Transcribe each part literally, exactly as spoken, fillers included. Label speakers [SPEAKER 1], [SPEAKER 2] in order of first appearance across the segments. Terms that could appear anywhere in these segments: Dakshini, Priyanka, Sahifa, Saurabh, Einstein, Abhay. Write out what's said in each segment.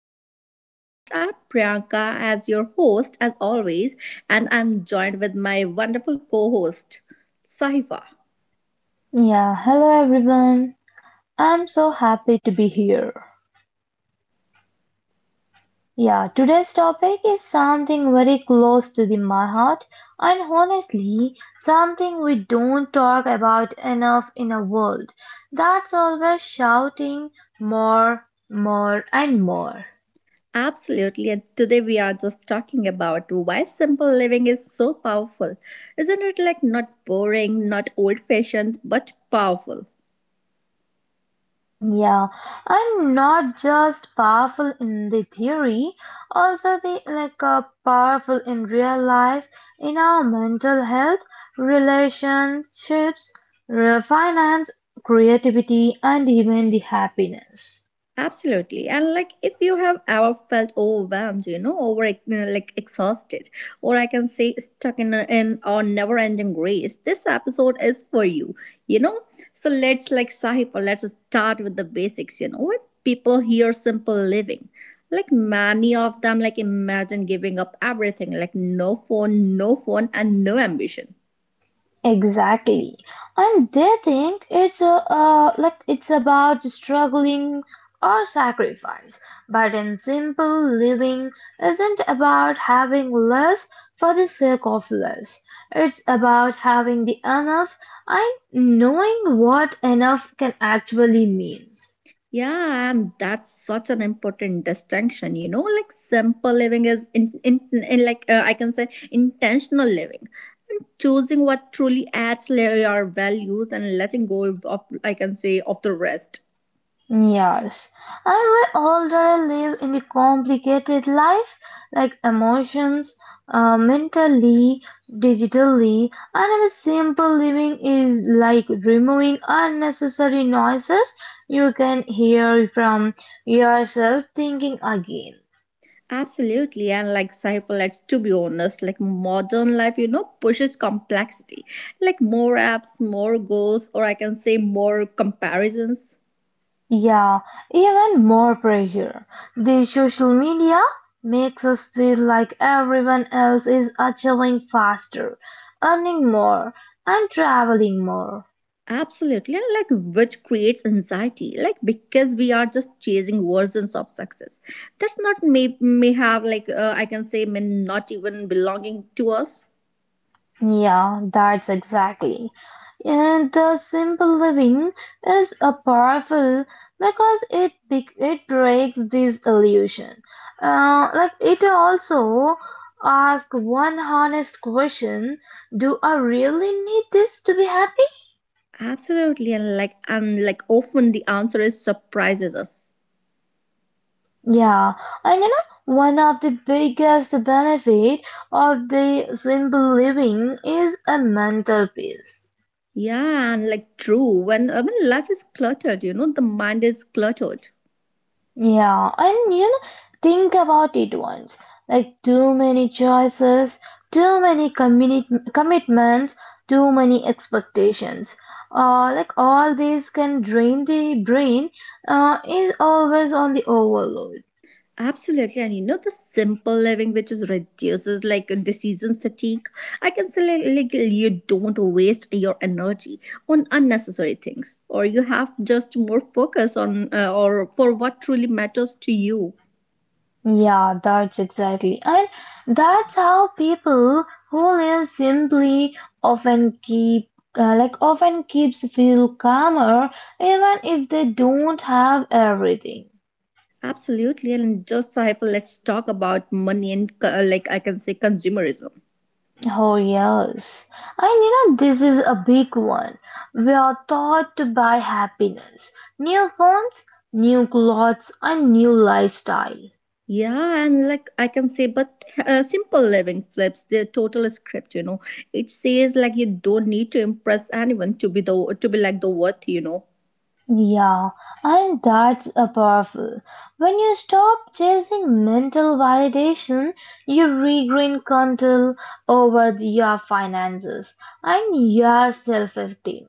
[SPEAKER 1] of our podcast. I'm Priyanka as your host, as always, and I'm joined with my wonderful co-host, Sahifa.
[SPEAKER 2] Yeah, hello everyone. I'm so happy to be here. Yeah, today's topic is something very close to the, my heart, and honestly, something we don't talk about enough in a world that's always shouting more, more, and more.
[SPEAKER 1] Absolutely, and today we are just talking about why simple living is so powerful. Isn't it like not boring, not old-fashioned, but powerful?
[SPEAKER 2] Yeah, I'm not just powerful in the theory, also the like uh, powerful in real life, in our mental health, relationships, re- finance, creativity, and even the happiness.
[SPEAKER 1] Absolutely. And like if you have ever felt overwhelmed, you know, over uh, like exhausted, or I can say stuck in a, in a never ending race, this episode is for you, you know? So let's like Sahipa, let's start with the basics, you know, when people hear simple living. Like many of them like imagine giving up everything, like no phone, no phone and no ambition.
[SPEAKER 2] Exactly. And they think it's a, uh, like it's about struggling or sacrifice. But in simple living isn't about having less for the sake of less. It's about having the enough and knowing what enough can actually means.
[SPEAKER 1] Yeah, and that's such an important distinction, you know, like simple living is in, in, in like uh, I can say intentional living and choosing what truly adds la- your values and letting go of I can say of the rest.
[SPEAKER 2] Yes, I will already live in the complicated life, like emotions, uh, mentally, digitally, and the simple living is like removing unnecessary noises you can hear from yourself thinking again.
[SPEAKER 1] Absolutely, and like Saiful, let's to be honest, like modern life, you know, pushes complexity, like more apps, more goals, or I can say more comparisons.
[SPEAKER 2] Yeah, even more pressure. The social media makes us feel like everyone else is achieving faster, earning more, and traveling more.
[SPEAKER 1] Absolutely, and like which creates anxiety, like because we are just chasing versions of success. That's not may may have like uh, I can say may not even belonging to us.
[SPEAKER 2] Yeah, that's exactly. And the simple living is a powerful because it be- it breaks this illusion. Uh, like it also asks one honest question: do I really need this to be happy?
[SPEAKER 1] Absolutely, and like and like often the answer is surprises us.
[SPEAKER 2] Yeah, and you know, one of the biggest benefit of the simple living is a mental peace.
[SPEAKER 1] Yeah, and like true when uh, when life is cluttered, you know the mind is cluttered.
[SPEAKER 2] Yeah, and you know, think about it once. Like too many choices, too many communi- commitments, too many expectations. Uh, like all these can drain the brain. Uh, is always on the overload.
[SPEAKER 1] Absolutely, and you know the simple living which is reduces like decisions fatigue. I can say like, like you don't waste your energy on unnecessary things, or you have just more focus on uh, or for what truly matters to you.
[SPEAKER 2] Yeah, that's exactly. And that's how people who live simply often keep uh, like often keeps feel calmer even if they don't have everything.
[SPEAKER 1] Absolutely, and just Saiful, let's talk about money and uh, like I can say consumerism.
[SPEAKER 2] Oh yes. And you know this is a big one. We are taught to buy happiness. New phones, new clothes and new lifestyle.
[SPEAKER 1] Yeah, and like I can say, but uh, simple living flips the total script. You know, it says like you don't need to impress anyone to be the to be like the worth. You know,
[SPEAKER 2] Yeah, and that's a powerful. When you stop chasing mental validation, you regain control over your finances and your self-esteem.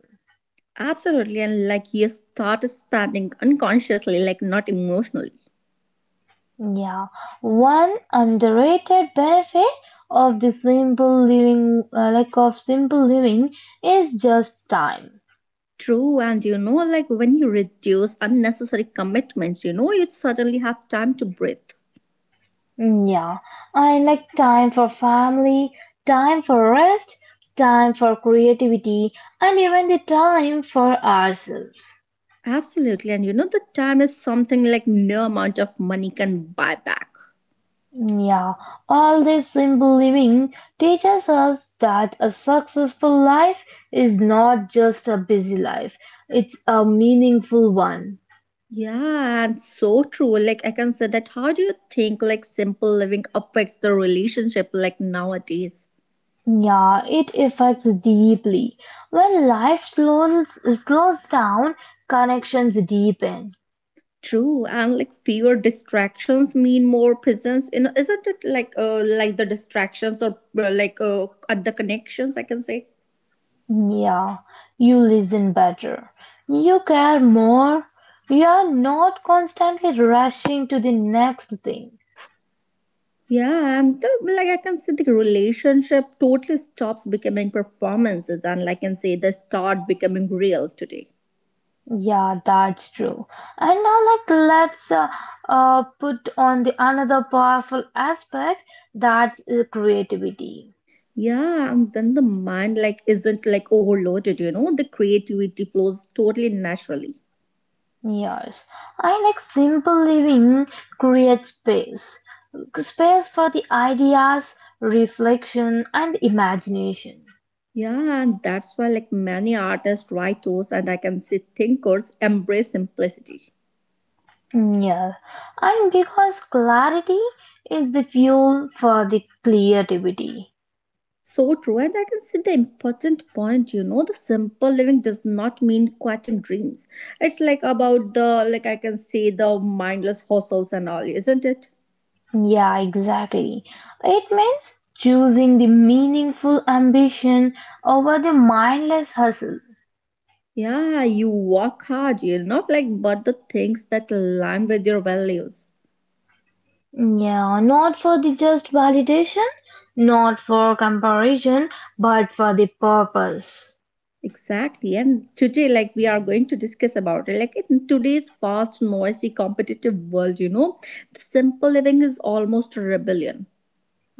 [SPEAKER 1] absolutely, and like you start spending unconsciously, like not emotionally.
[SPEAKER 2] Yeah, one underrated benefit of the simple living, uh, like of simple living, is just time.
[SPEAKER 1] True, and you know, like when you reduce unnecessary commitments, you know, you suddenly have time to breathe.
[SPEAKER 2] Mm, yeah, I like time for family, time for rest, time for creativity, and even the time for ourselves.
[SPEAKER 1] Absolutely, and you know, the time is something like no amount of money can buy back.
[SPEAKER 2] Mm, yeah, all this simple living teaches us that a successful life is not just a busy life, it's a meaningful one.
[SPEAKER 1] Yeah, and so true. Like I can say that how do you think like simple living affects the relationship like nowadays?
[SPEAKER 2] Mm, yeah, it affects deeply. When life slows, slows down, connections deepen.
[SPEAKER 1] True, and like fewer distractions mean more presence in isn't it like uh like the distractions or uh, like uh at the connections I can say.
[SPEAKER 2] Yeah, you listen better. You care more. You are not constantly rushing to the next thing.
[SPEAKER 1] Yeah, and the, like I can say the relationship totally stops becoming performances and like I can say they start becoming real today.
[SPEAKER 2] Yeah, that's true. And now, like, let's uh, uh, put on the another powerful aspect that's uh, creativity.
[SPEAKER 1] Yeah, and when the mind like isn't like overloaded, you know, the creativity flows totally naturally.
[SPEAKER 2] Yes, I like simple living creates space, space for the ideas, reflection, and imagination.
[SPEAKER 1] Yeah, and that's why like many artists, writers, and I can see thinkers embrace simplicity.
[SPEAKER 2] Mm, yeah, and because clarity is the fuel for the creativity.
[SPEAKER 1] So true, and I can see the important point, you know, the simple living does not mean quitting dreams. It's like about the like I can say the mindless hustles and all, isn't it?
[SPEAKER 2] Yeah, exactly. It means choosing the meaningful ambition over the mindless hustle.
[SPEAKER 1] Yeah, you work hard, you know, like but the things that align with your values.
[SPEAKER 2] Mm, yeah, not for the just validation, not for comparison, but for the purpose.
[SPEAKER 1] Exactly. And today, like we are going to discuss about it. Like in today's fast, noisy, competitive world, you know, the simple living is almost a rebellion.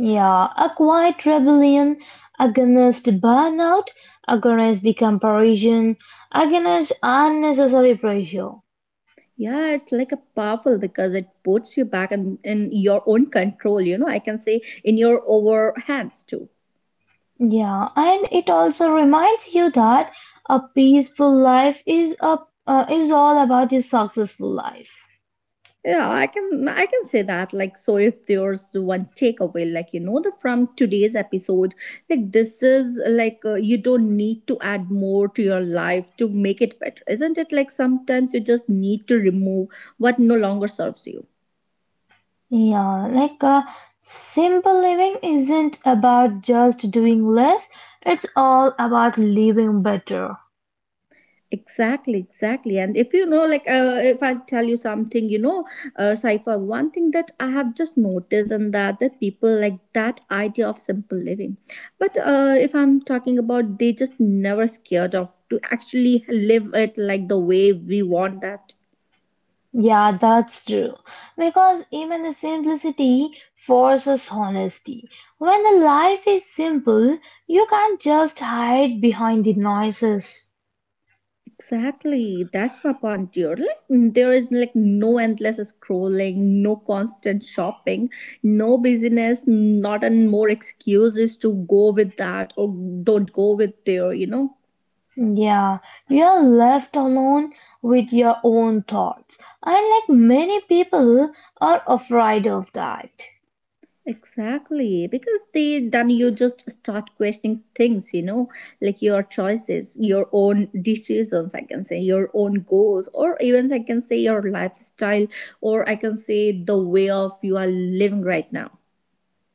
[SPEAKER 2] Yeah, a quiet rebellion against burnout, against the comparison, against unnecessary pressure.
[SPEAKER 1] Yeah, it's like a powerful because it puts you back in, in your own control, you know, I can say in your over hands too.
[SPEAKER 2] Yeah, and it also reminds you that a peaceful life is a uh, is all about a successful life.
[SPEAKER 1] Yeah, I can I can say that. Like, so if there's one takeaway, like you know, the from today's episode, like this is like uh, you don't need to add more to your life to make it better, isn't it? Like sometimes you just need to remove what no longer serves you.
[SPEAKER 2] Yeah, like uh, simple living isn't about just doing less, it's all about living better.
[SPEAKER 1] Exactly, exactly. And if you know, like, uh, if I tell you something, you know, uh, Saifa, one thing that I have just noticed and that that people like that idea of simple living. But uh, if I'm talking about, they just never scared of to actually live it like the way we want that
[SPEAKER 2] Yeah, that's true. Because even the simplicity forces honesty. When the life is simple, you can't just hide behind the noises.
[SPEAKER 1] Exactly. That's my point, dear. Like there is like no endless scrolling, no constant shopping, no busyness, not and more excuses to go with that or don't go with there, you know.
[SPEAKER 2] Yeah, you are left alone with your own thoughts. And like many people are afraid of that.
[SPEAKER 1] Exactly. Because they then you just start questioning things, you know, like your choices, your own decisions, I can say, your own goals, or even I can say your lifestyle, or I can say the way of you are living right now.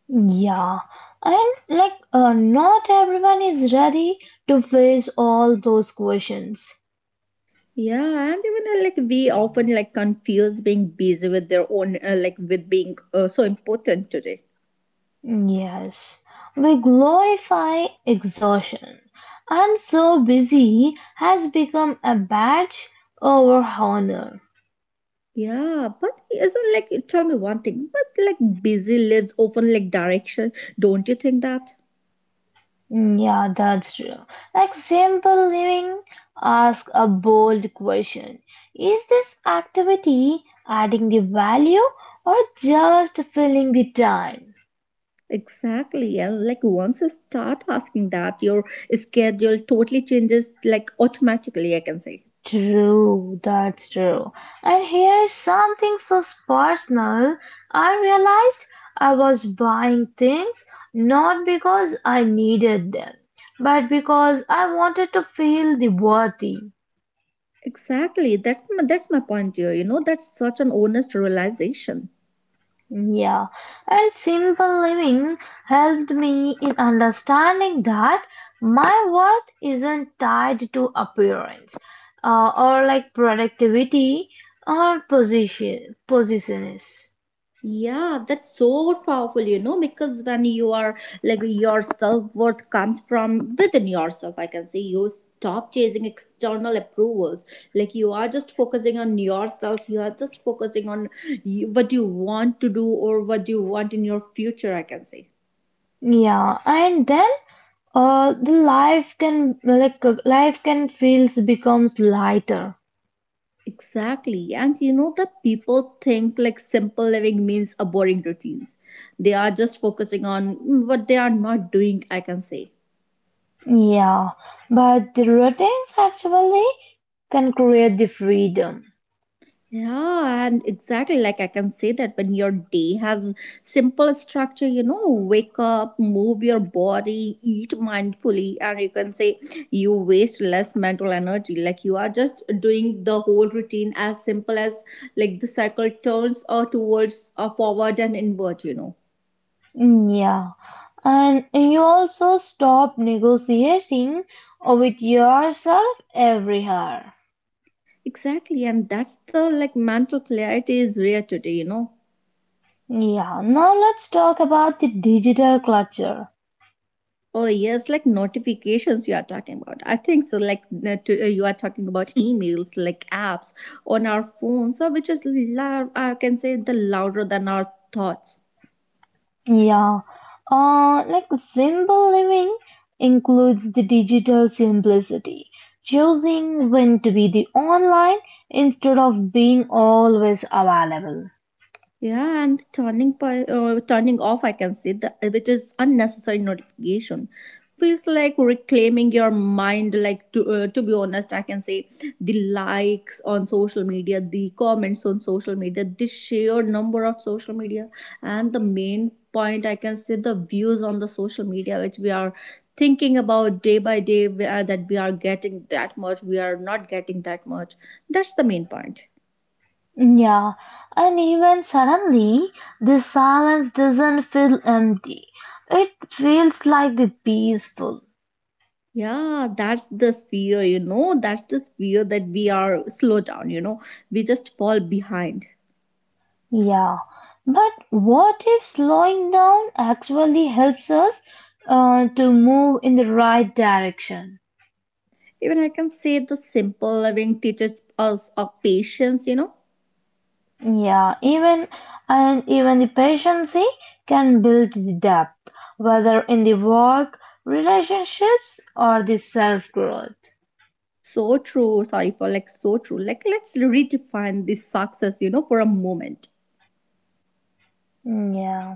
[SPEAKER 2] Yeah, and like uh, not everyone is ready to face all those questions.
[SPEAKER 1] Yeah, and even uh, like we often like confuse being busy with their own uh, like with being uh, so important today.
[SPEAKER 2] Yes, we glorify exhaustion. "I'm so busy" has become a badge of honor.
[SPEAKER 1] Yeah, but isn't like tell me one thing, but like busy lives often like direction, don't you think that?
[SPEAKER 2] Mm, yeah, that's true. Like simple living ask a bold question. Is this activity adding the value or just filling the time?
[SPEAKER 1] Exactly, and like once you start asking that, your schedule totally changes like automatically. I can say
[SPEAKER 2] True, that's true. And here's something so personal. I realized I was buying things not because I needed them, but because I wanted to feel the worthy.
[SPEAKER 1] exactly that's my, that's my point here. You know, that's such an honest realization.
[SPEAKER 2] Yeah, and simple living helped me in understanding that my worth isn't tied to appearance, uh, or like productivity or position positions.
[SPEAKER 1] Yeah, that's so powerful, you know, because when you are like your self worth comes from within yourself, I can say you stop chasing external approvals. Like you are just focusing on yourself, you are just focusing on you- what you want to do or what you want in your future, I can say.
[SPEAKER 2] Yeah, and then uh, the life can like uh, life can feels becomes lighter.
[SPEAKER 1] Exactly. And you know that people think like simple living means a boring routines. They are just focusing on mm, what they are not doing, I can say.
[SPEAKER 2] Yeah, but the routines actually can create the freedom.
[SPEAKER 1] Yeah, and exactly like I can say that when your day has simple structure, you know, wake up, move your body, eat mindfully, and you can say you waste less mental energy. Like you are just doing the whole routine as simple as like the cycle turns or towards or forward and inward, you know.
[SPEAKER 2] Yeah. And you also stop negotiating with yourself every hour.
[SPEAKER 1] Exactly, and that's the like mental clarity is rare today, you know.
[SPEAKER 2] Yeah, now let's talk about the digital culture.
[SPEAKER 1] Oh yes, like notifications you are talking about. I think so. Like uh, uh, you are talking about emails, like apps on our phones, so which is loud. I can say the louder than our thoughts.
[SPEAKER 2] Yeah, uh, like simple living includes the digital simplicity, choosing when to be the online instead of being always available.
[SPEAKER 1] Yeah, and turning pi- uh, turning off, I can see that uh, which is unnecessary notification. Feels like reclaiming your mind. Like to uh, to be honest, I can say the likes on social media, the comments on social media, the sheer number of social media, and the main point I can say the views on the social media, which we are thinking about day by day, we are, that we are getting that much, we are not getting that much. That's the main point.
[SPEAKER 2] Yeah, and even suddenly, the silence doesn't feel empty. It feels like the peaceful.
[SPEAKER 1] Yeah, that's the fear, you know, that's the fear that we are slow down, you know, we just fall behind.
[SPEAKER 2] Yeah, but what if slowing down actually helps us uh, to move in the right direction?
[SPEAKER 1] Even I can say the simple living teaches us of patience, you know.
[SPEAKER 2] Yeah, even and even the patience can build the depth, whether in the work, relationships, or the self growth.
[SPEAKER 1] So true, sorry for like so true. Like let's redefine this success, you know, for a moment.
[SPEAKER 2] Yeah.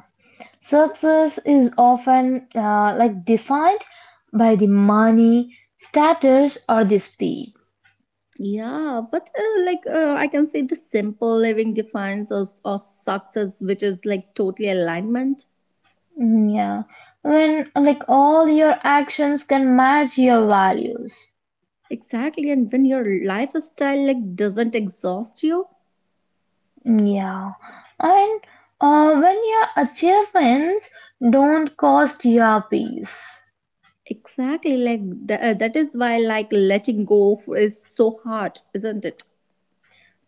[SPEAKER 2] Success is often uh, like defined by the money, status, or the speed.
[SPEAKER 1] Yeah, but uh, like uh, I can say the simple living defines us of success, which is like totally alignment.
[SPEAKER 2] Mm, yeah, when like all your actions can match your values.
[SPEAKER 1] Exactly, and when your lifestyle like doesn't exhaust you,
[SPEAKER 2] Mm, yeah, and uh, when your achievements don't cost your peace.
[SPEAKER 1] Exactly, like th- uh, that is why like letting go f- is so hard, isn't it?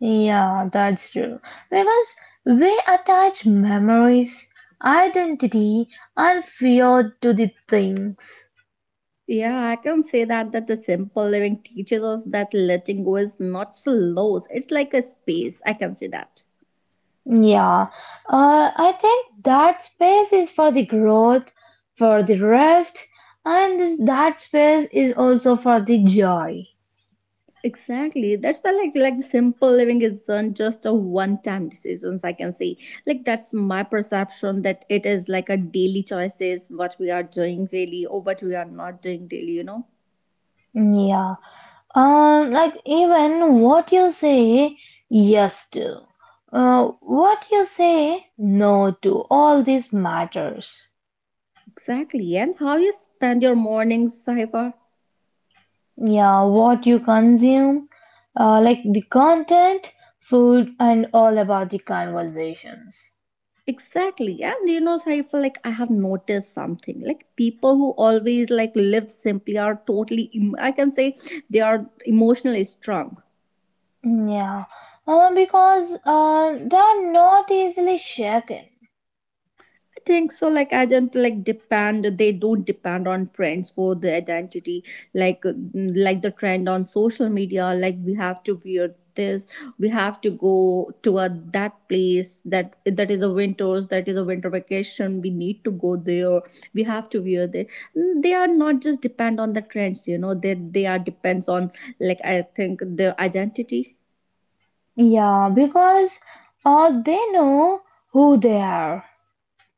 [SPEAKER 2] Yeah, that's true. Because we attach memories, identity, and fear to the things.
[SPEAKER 1] Yeah, I can say that that the simple living teaches us that letting go is not slows. It's like a space. I can say that.
[SPEAKER 2] Yeah, uh, I think that space is for the growth, for the rest, and this, that space is also for the joy.
[SPEAKER 1] Exactly. That's why like like simple living isn't just a one time decisions, I can say. Like that's my perception that it is like a daily choices, what we are doing daily or what we are not doing daily, you know?
[SPEAKER 2] Yeah, um, like even what you say yes to, uh, what you say no to, all this matters.
[SPEAKER 1] Exactly. And how you spend your mornings, Saifa?
[SPEAKER 2] Yeah, what you consume, uh, like the content, food, and all about the conversations.
[SPEAKER 1] Exactly. And you know, so I feel like I have noticed something. Like people who always like live simply are totally em- I can say they are emotionally strong.
[SPEAKER 2] Mm, yeah, uh, because uh, they are not easily shaken.
[SPEAKER 1] Think so like I don't like depend they don't depend on trends for the identity like uh, like the trend on social media like we have to wear this we have to go to a, that place that that is a winters that is a winter vacation we need to go there we have to wear there Mm, they are not just depend on the trends you know they they are depends on like I think their identity
[SPEAKER 2] Yeah, because uh, they know who they are.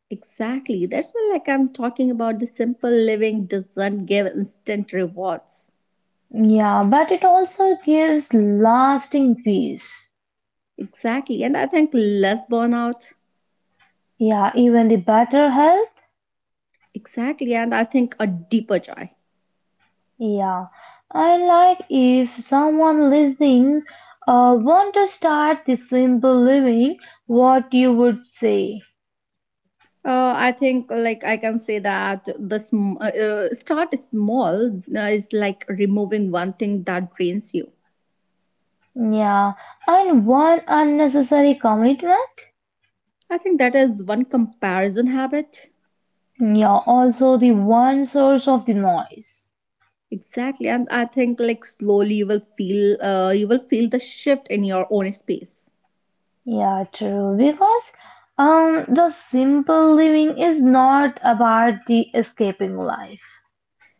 [SPEAKER 1] Exactly. That's why like I'm talking about the simple living doesn't give instant rewards.
[SPEAKER 2] Yeah, but it also gives lasting peace.
[SPEAKER 1] Exactly. And I think less burnout.
[SPEAKER 2] Yeah, even the better health.
[SPEAKER 1] Exactly. And I think a deeper joy.
[SPEAKER 2] Yeah, I like if someone listening uh, want to start the simple living, what you would say.
[SPEAKER 1] Uh, I think like I can say that the sm- uh, uh, start small uh, is like removing one thing that drains you.
[SPEAKER 2] Yeah, and one unnecessary commitment.
[SPEAKER 1] I think that is one comparison habit.
[SPEAKER 2] Yeah, also the one source of the noise.
[SPEAKER 1] Exactly. And I think like slowly you will feel uh, you will feel the shift in your own space.
[SPEAKER 2] Yeah, true. Because um the simple living is not about the escaping life.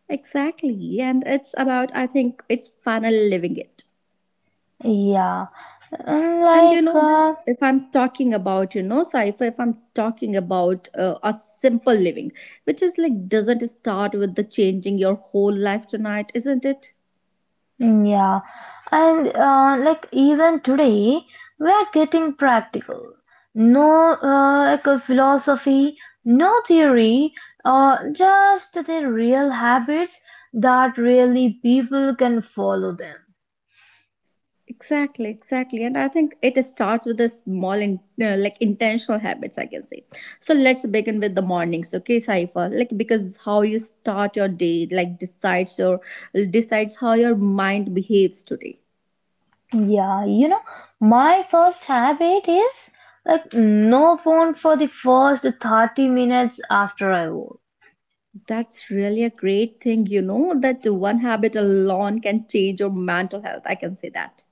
[SPEAKER 1] Exactly. And it's about I think it's final living it.
[SPEAKER 2] Yeah. And
[SPEAKER 1] and you
[SPEAKER 2] like
[SPEAKER 1] know that
[SPEAKER 2] uh,
[SPEAKER 1] if I'm talking about you know sci if I'm talking about uh, a simple living which is like doesn't start with the changing your whole life tonight, isn't it?
[SPEAKER 2] yeah. And uh, like even today we are getting practical. No, uh, like a philosophy, no theory, uh, just the real habits that really people can follow them.
[SPEAKER 1] Exactly, exactly, and I think it starts with the small, in, uh, like intentional habits, I can say. So let's begin with the mornings, okay Cypher? Like, because how you start your day like decides your decides how your mind behaves today.
[SPEAKER 2] Yeah, you know, my first habit is like no phone for the first thirty minutes after I woke.
[SPEAKER 1] That's really a great thing, you know, that one habit alone can change your mental health. I can say that.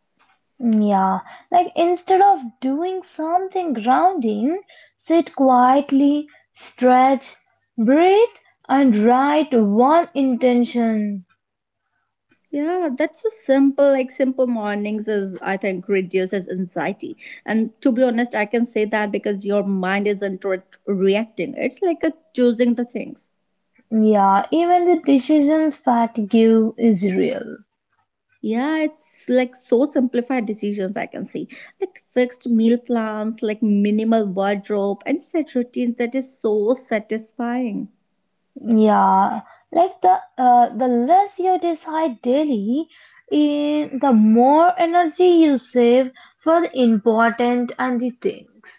[SPEAKER 2] Yeah, like instead of doing something grounding, sit quietly, stretch, breathe, and write one intention.
[SPEAKER 1] Yeah, that's so simple. Like, simple mornings is, I think, reduces anxiety. And to be honest, I can say that because your mind isn't re- reacting. It's like a choosing the things.
[SPEAKER 2] Yeah, even the decisions fatigue is real.
[SPEAKER 1] Yeah, it's like so simplified decisions, I can say, like fixed meal plans, like minimal wardrobe, and set routines. That is so satisfying.
[SPEAKER 2] Yeah, like the uh, the less you decide daily, eh, the more energy you save for the important and the things.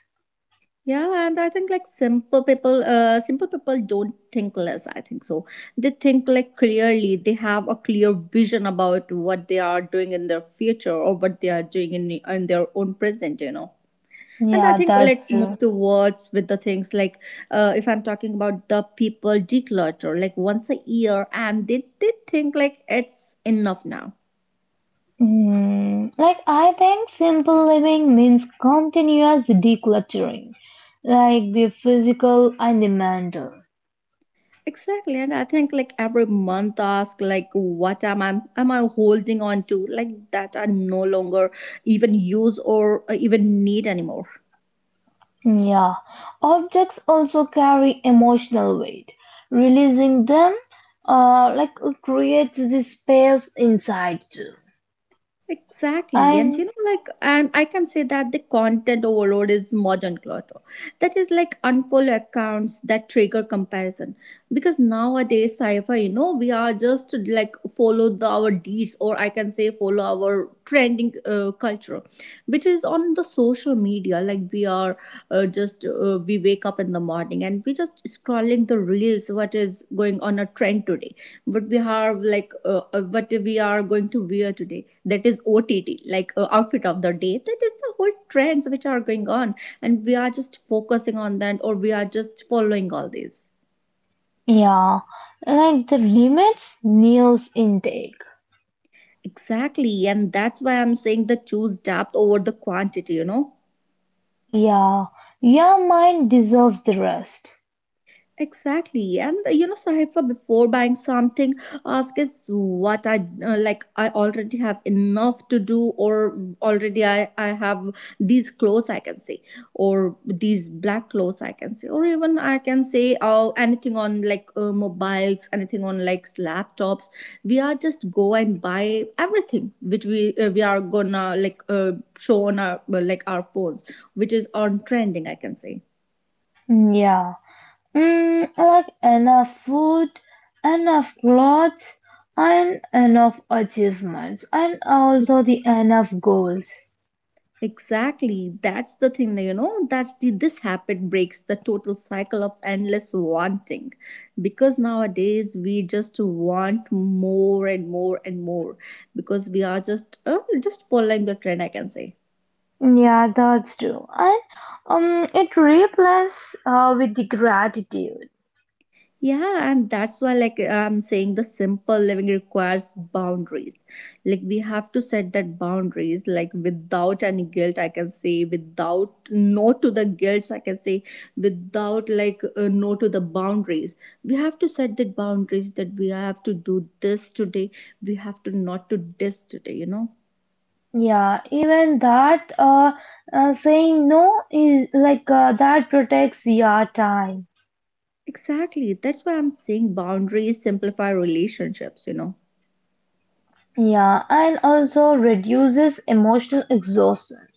[SPEAKER 1] Yeah, and I think like simple people, uh, simple people don't think less, I think so. They think like clearly. They have a clear vision about what they are doing in their future or what they are doing in in their own present, you know. And I
[SPEAKER 2] Yeah,
[SPEAKER 1] think
[SPEAKER 2] that's
[SPEAKER 1] let's
[SPEAKER 2] true.
[SPEAKER 1] move towards with the things, like uh, if I'm talking about the people declutter like once a year, and they they think like it's enough now.
[SPEAKER 2] Mm, like I think simple living means continuous decluttering, like the physical and the mental.
[SPEAKER 1] Exactly, and I think like every month ask like what am I am I holding on to like that I no longer even use or uh, even need anymore.
[SPEAKER 2] Yeah, objects also carry emotional weight. Releasing them, uh, like creates the space inside too.
[SPEAKER 1] Exactly. And you
[SPEAKER 2] And
[SPEAKER 1] know, like, and I can say that the content overload is modern clutter. That is like unfollow accounts that trigger comparison. Because nowadays, Cypher, you know, we are just like follow the, our deeds, or I can say follow our trending uh, culture, which is on the social media. Like, we are uh, just, uh, we wake up in the morning and we just scrolling the reels, what is going on a trend today, what we have, like, uh, uh, what we are going to wear today, that is O T T, like uh, outfit of the day. That is the whole trends which are going on, and we are just focusing on that, or we are just following all these.
[SPEAKER 2] yeah, like the limits Neo's intake.
[SPEAKER 1] Exactly, and that's why I'm saying the choose depth over the quantity, you know.
[SPEAKER 2] Yeah, your mind deserves the rest.
[SPEAKER 1] Exactly, and uh, you know, Sahifa, before buying something, ask is what I uh, like, I already have enough to do, or already I, I have these clothes, I can say, or these black clothes, I can say, or even I can say, oh, anything on like uh, mobiles, anything on like laptops. We are just go and buy everything which we uh, we are gonna like uh, show on our like our phones, which is on trending, I can say.
[SPEAKER 2] Mm, yeah, mm, like enough food, enough clothes, and enough achievements, and also the enough goals.
[SPEAKER 1] Exactly. That's the thing, you know. That's the this habit breaks the total cycle of endless wanting. Because nowadays we just want more and more and more because we are just uh, just following the trend, I can say.
[SPEAKER 2] Yeah, that's true. And um, it replaces uh, with the gratitude.
[SPEAKER 1] Yeah, and that's why, like I'm saying, the simple living requires boundaries. Like, we have to set that boundaries, like without any guilt, I can say, without no to the guilt, I can say, without like uh, no to the boundaries. We have to set the boundaries that we have to do this today. We have to not to this today, you know.
[SPEAKER 2] Yeah, even that uh, uh, saying no is like uh, that protects your time.
[SPEAKER 1] Exactly. That's why I'm saying boundaries simplify relationships, you know.
[SPEAKER 2] Yeah, and also reduces emotional exhaustion.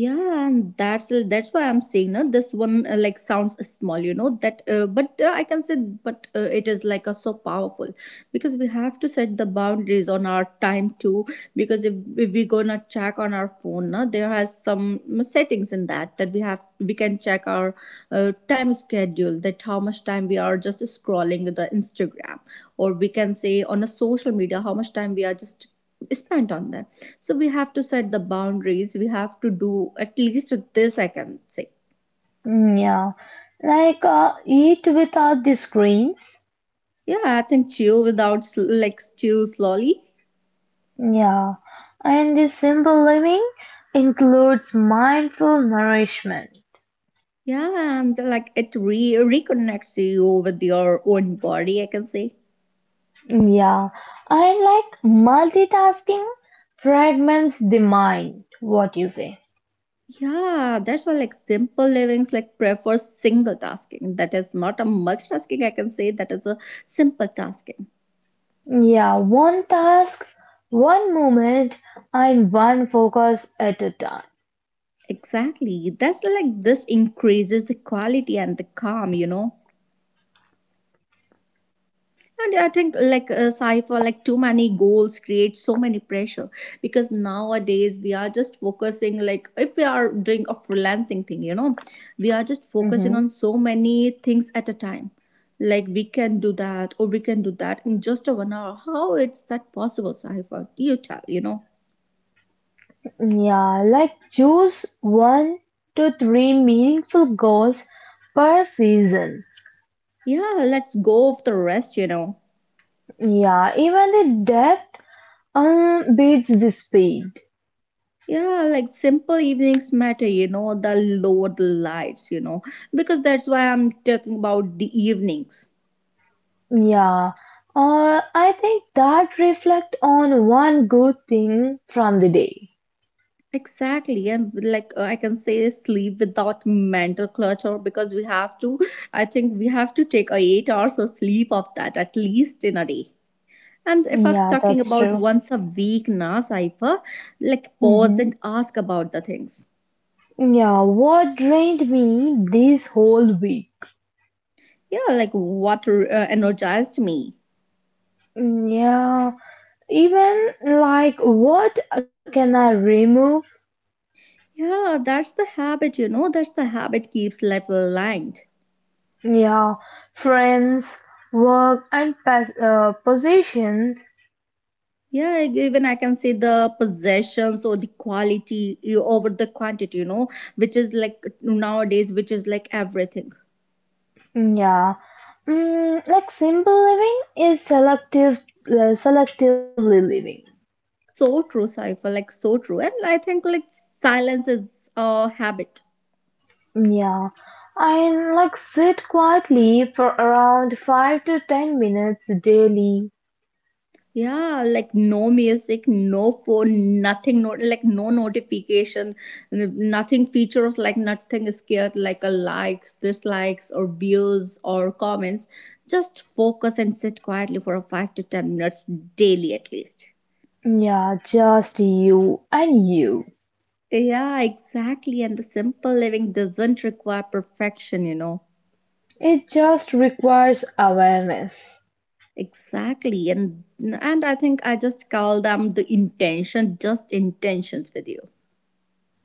[SPEAKER 1] Yeah, and that's that's why I'm saying no, this one uh, like sounds small, you know, that uh, but uh, I can say, but uh, it is like a so powerful, because we have to set the boundaries on our time too. Because if, if we gonna check on our phone now, there has some settings in that that we have we can check our uh, time schedule, that how much time we are just scrolling the Instagram, or we can say on a social media how much time we are just spent on them. So we have to set the boundaries, we have to do at least this, I can say.
[SPEAKER 2] Mm, yeah, like uh, eat without the screens.
[SPEAKER 1] Yeah, I think chew without sl- like chew slowly.
[SPEAKER 2] Yeah, and the simple living includes mindful nourishment.
[SPEAKER 1] Yeah, and like it re- reconnects you with your own body, I can say.
[SPEAKER 2] Yeah, and like multitasking fragments the mind. What you say?
[SPEAKER 1] Yeah, that's why like simple livings like prefers single tasking, that is not a multitasking, I can say, that is a simple tasking.
[SPEAKER 2] Yeah, one task, one moment, and one focus at a time.
[SPEAKER 1] Exactly, that's like this increases the quality and the calm, you know. And I think like uh, Cypher, like too many goals create so many pressure, because nowadays we are just focusing like if we are doing a freelancing thing, you know, we are just focusing
[SPEAKER 2] Mm-hmm.
[SPEAKER 1] on so many things at a time. Like, we can do that or we can do that in just a one hour, how is that possible, Cypher? You tell, you know.
[SPEAKER 2] Yeah, like choose one to three meaningful goals per season.
[SPEAKER 1] Yeah, let's go of the rest, you know.
[SPEAKER 2] Yeah, even the depth um beats the speed.
[SPEAKER 1] Yeah, like simple evenings matter, you know, the lower the lights, you know, because that's why I'm talking about the evenings.
[SPEAKER 2] Yeah, uh, I think that reflect on one good thing from the day.
[SPEAKER 1] Exactly, and like uh, I can say, sleep without mental clutter, because we have to. I think we have to take a eight hours of sleep of that at least in a day. And if I'm
[SPEAKER 2] Yeah,
[SPEAKER 1] talking
[SPEAKER 2] that's true.
[SPEAKER 1] about once a week, now Cipher, like pause
[SPEAKER 2] Mm-hmm.
[SPEAKER 1] and ask about the things.
[SPEAKER 2] Yeah, what drained me this whole week?
[SPEAKER 1] Yeah, like what uh, energized me.
[SPEAKER 2] Yeah, even like what can I remove?
[SPEAKER 1] Yeah, that's the habit, you know. That's the habit keeps life aligned.
[SPEAKER 2] Yeah, friends, work, and pas- uh, possessions.
[SPEAKER 1] Yeah, eg- even I can say the possessions or the quality you- over the quantity, you know, which is like nowadays, which is like everything.
[SPEAKER 2] Yeah, mm, like simple living is selective, uh, selectively living.
[SPEAKER 1] So true, Cypher, like so true. And I think like silence is a habit.
[SPEAKER 2] Yeah, and like sit quietly for around five to ten minutes daily.
[SPEAKER 1] Yeah, like no music, no phone, nothing, no, like no notification, n- nothing features, like nothing is scared, like a likes, dislikes, or views or comments. Just focus and sit quietly for a five to ten minutes daily at least.
[SPEAKER 2] Yeah, just you and you.
[SPEAKER 1] Yeah, exactly. And the simple living doesn't require perfection, you know.
[SPEAKER 2] It just requires awareness.
[SPEAKER 1] Exactly. And and I think I just call them the intention, just intentions with you.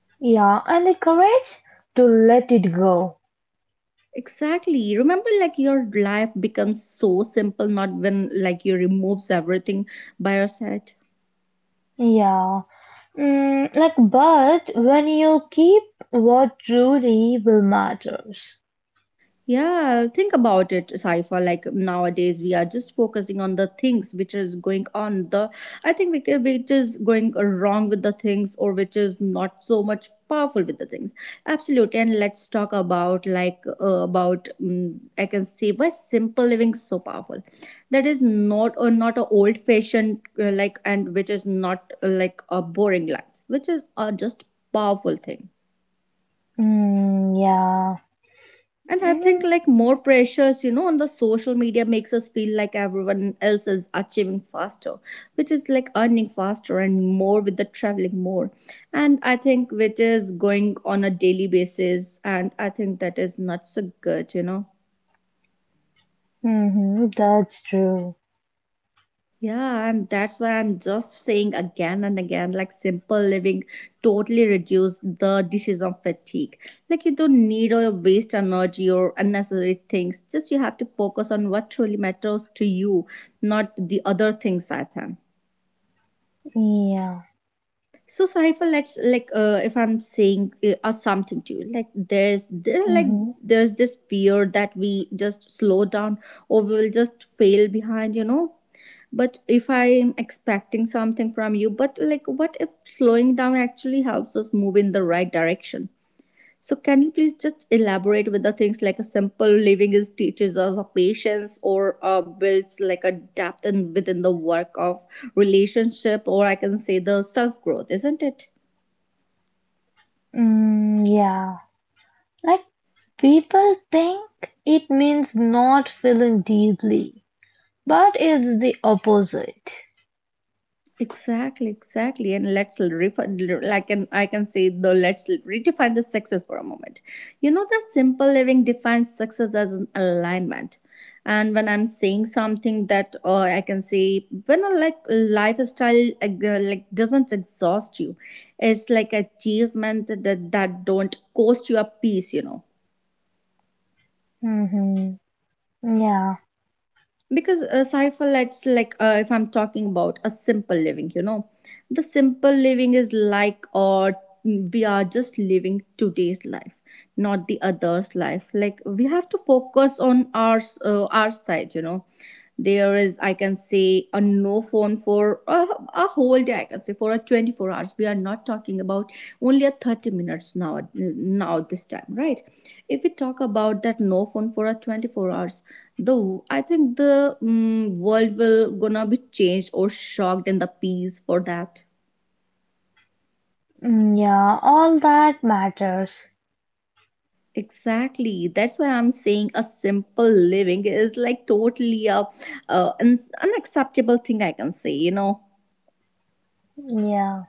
[SPEAKER 2] Yeah, and the courage to let it go.
[SPEAKER 1] Exactly. Remember, like your life becomes so simple not when like you removes everything by your side.
[SPEAKER 2] Yeah. Mm, like, but when you keep what truly will matters.
[SPEAKER 1] Yeah, think about it, Saifa. Like nowadays, we are just focusing on the things which is going on. The I think we ca- which is going wrong with the things, or which is not so much powerful with the things. Absolutely, and let's talk about like uh, about mm I can say why simple living is so powerful. That is not or not a old fashioned uh, like, and which is not uh, like a boring life, which is uh, just powerful thing.
[SPEAKER 2] Mm, yeah.
[SPEAKER 1] And I think
[SPEAKER 2] Mm,
[SPEAKER 1] like more pressures, you know, on the social media makes us feel like everyone else is achieving faster, which is like earning faster and more with the traveling more. And I think which is going on a daily basis. And I think that is not so good, you know.
[SPEAKER 2] hmm. That's true.
[SPEAKER 1] Yeah, and that's why I'm just saying again and again like simple living totally reduce the disease of fatigue. Like, you don't need or waste energy or unnecessary things. Just you have to focus on what truly matters to you, not the other things at hand.
[SPEAKER 2] Yeah.
[SPEAKER 1] So Saifa, let's like uh, if I'm saying uh, or something to you, like there's there, like
[SPEAKER 2] Mm-hmm.
[SPEAKER 1] there's this fear that we just slow down or we will just fail behind, you know, but if I'm expecting something from you, but like what if slowing down actually helps us move in the right direction? So can you please just elaborate with the things, like a simple living is teaches us a patience, or uh, builds like a depth in within the work of relationship, or I can say the self growth, isn't it?
[SPEAKER 2] Mm, yeah. Like, people think it means not feeling deeply, but it's the opposite.
[SPEAKER 1] Exactly, exactly. And let's refer, like, and I can say though, let's redefine the success for a moment. You know that simple living defines success as an alignment. And when I'm saying something that, or I can say, when a like lifestyle uh, like doesn't exhaust you, it's like achievement that that don't cost you a piece, you know.
[SPEAKER 2] Mm-hmm. Yeah.
[SPEAKER 1] Because a Cipher, lets like uh, if I'm talking about a simple living, you know, the simple living is like, or we are just living today's life, not the other's life. Like, we have to focus on our uh, our side, you know. There is, I can say, a no phone for a, a whole day, I can say. For a twenty-four hours, we are not talking about only a thirty minutes, now now this time, right? If we talk about that no phone for a twenty-four hours, though I think the mm, world will gonna be changed or shocked in the piece for that.
[SPEAKER 2] Mm, yeah. All that matters.
[SPEAKER 1] Exactly. That's why I'm saying a simple living is like totally a, uh, an unacceptable thing, I can say, you know.
[SPEAKER 2] Yeah.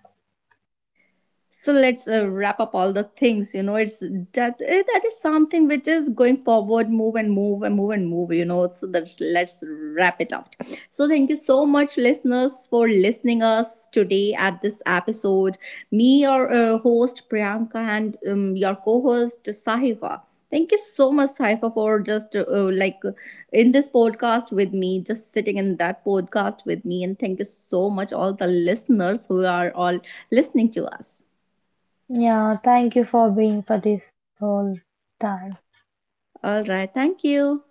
[SPEAKER 1] So let's uh, wrap up all the things, you know. It's that eh, that is something which is going forward, move and move and move and move, you know. So that's, let's wrap it out. So thank you so much, listeners, for listening us today at this episode. Me, your uh, host Priyanka, and um, your co-host Sahiva. Thank you so much, Sahiva, for just uh, uh, like uh, in this podcast with me, just sitting in that podcast with me. And thank you so much all the listeners who are all listening to us.
[SPEAKER 2] Yeah, thank you for being for this whole time.
[SPEAKER 1] All right. Thank you.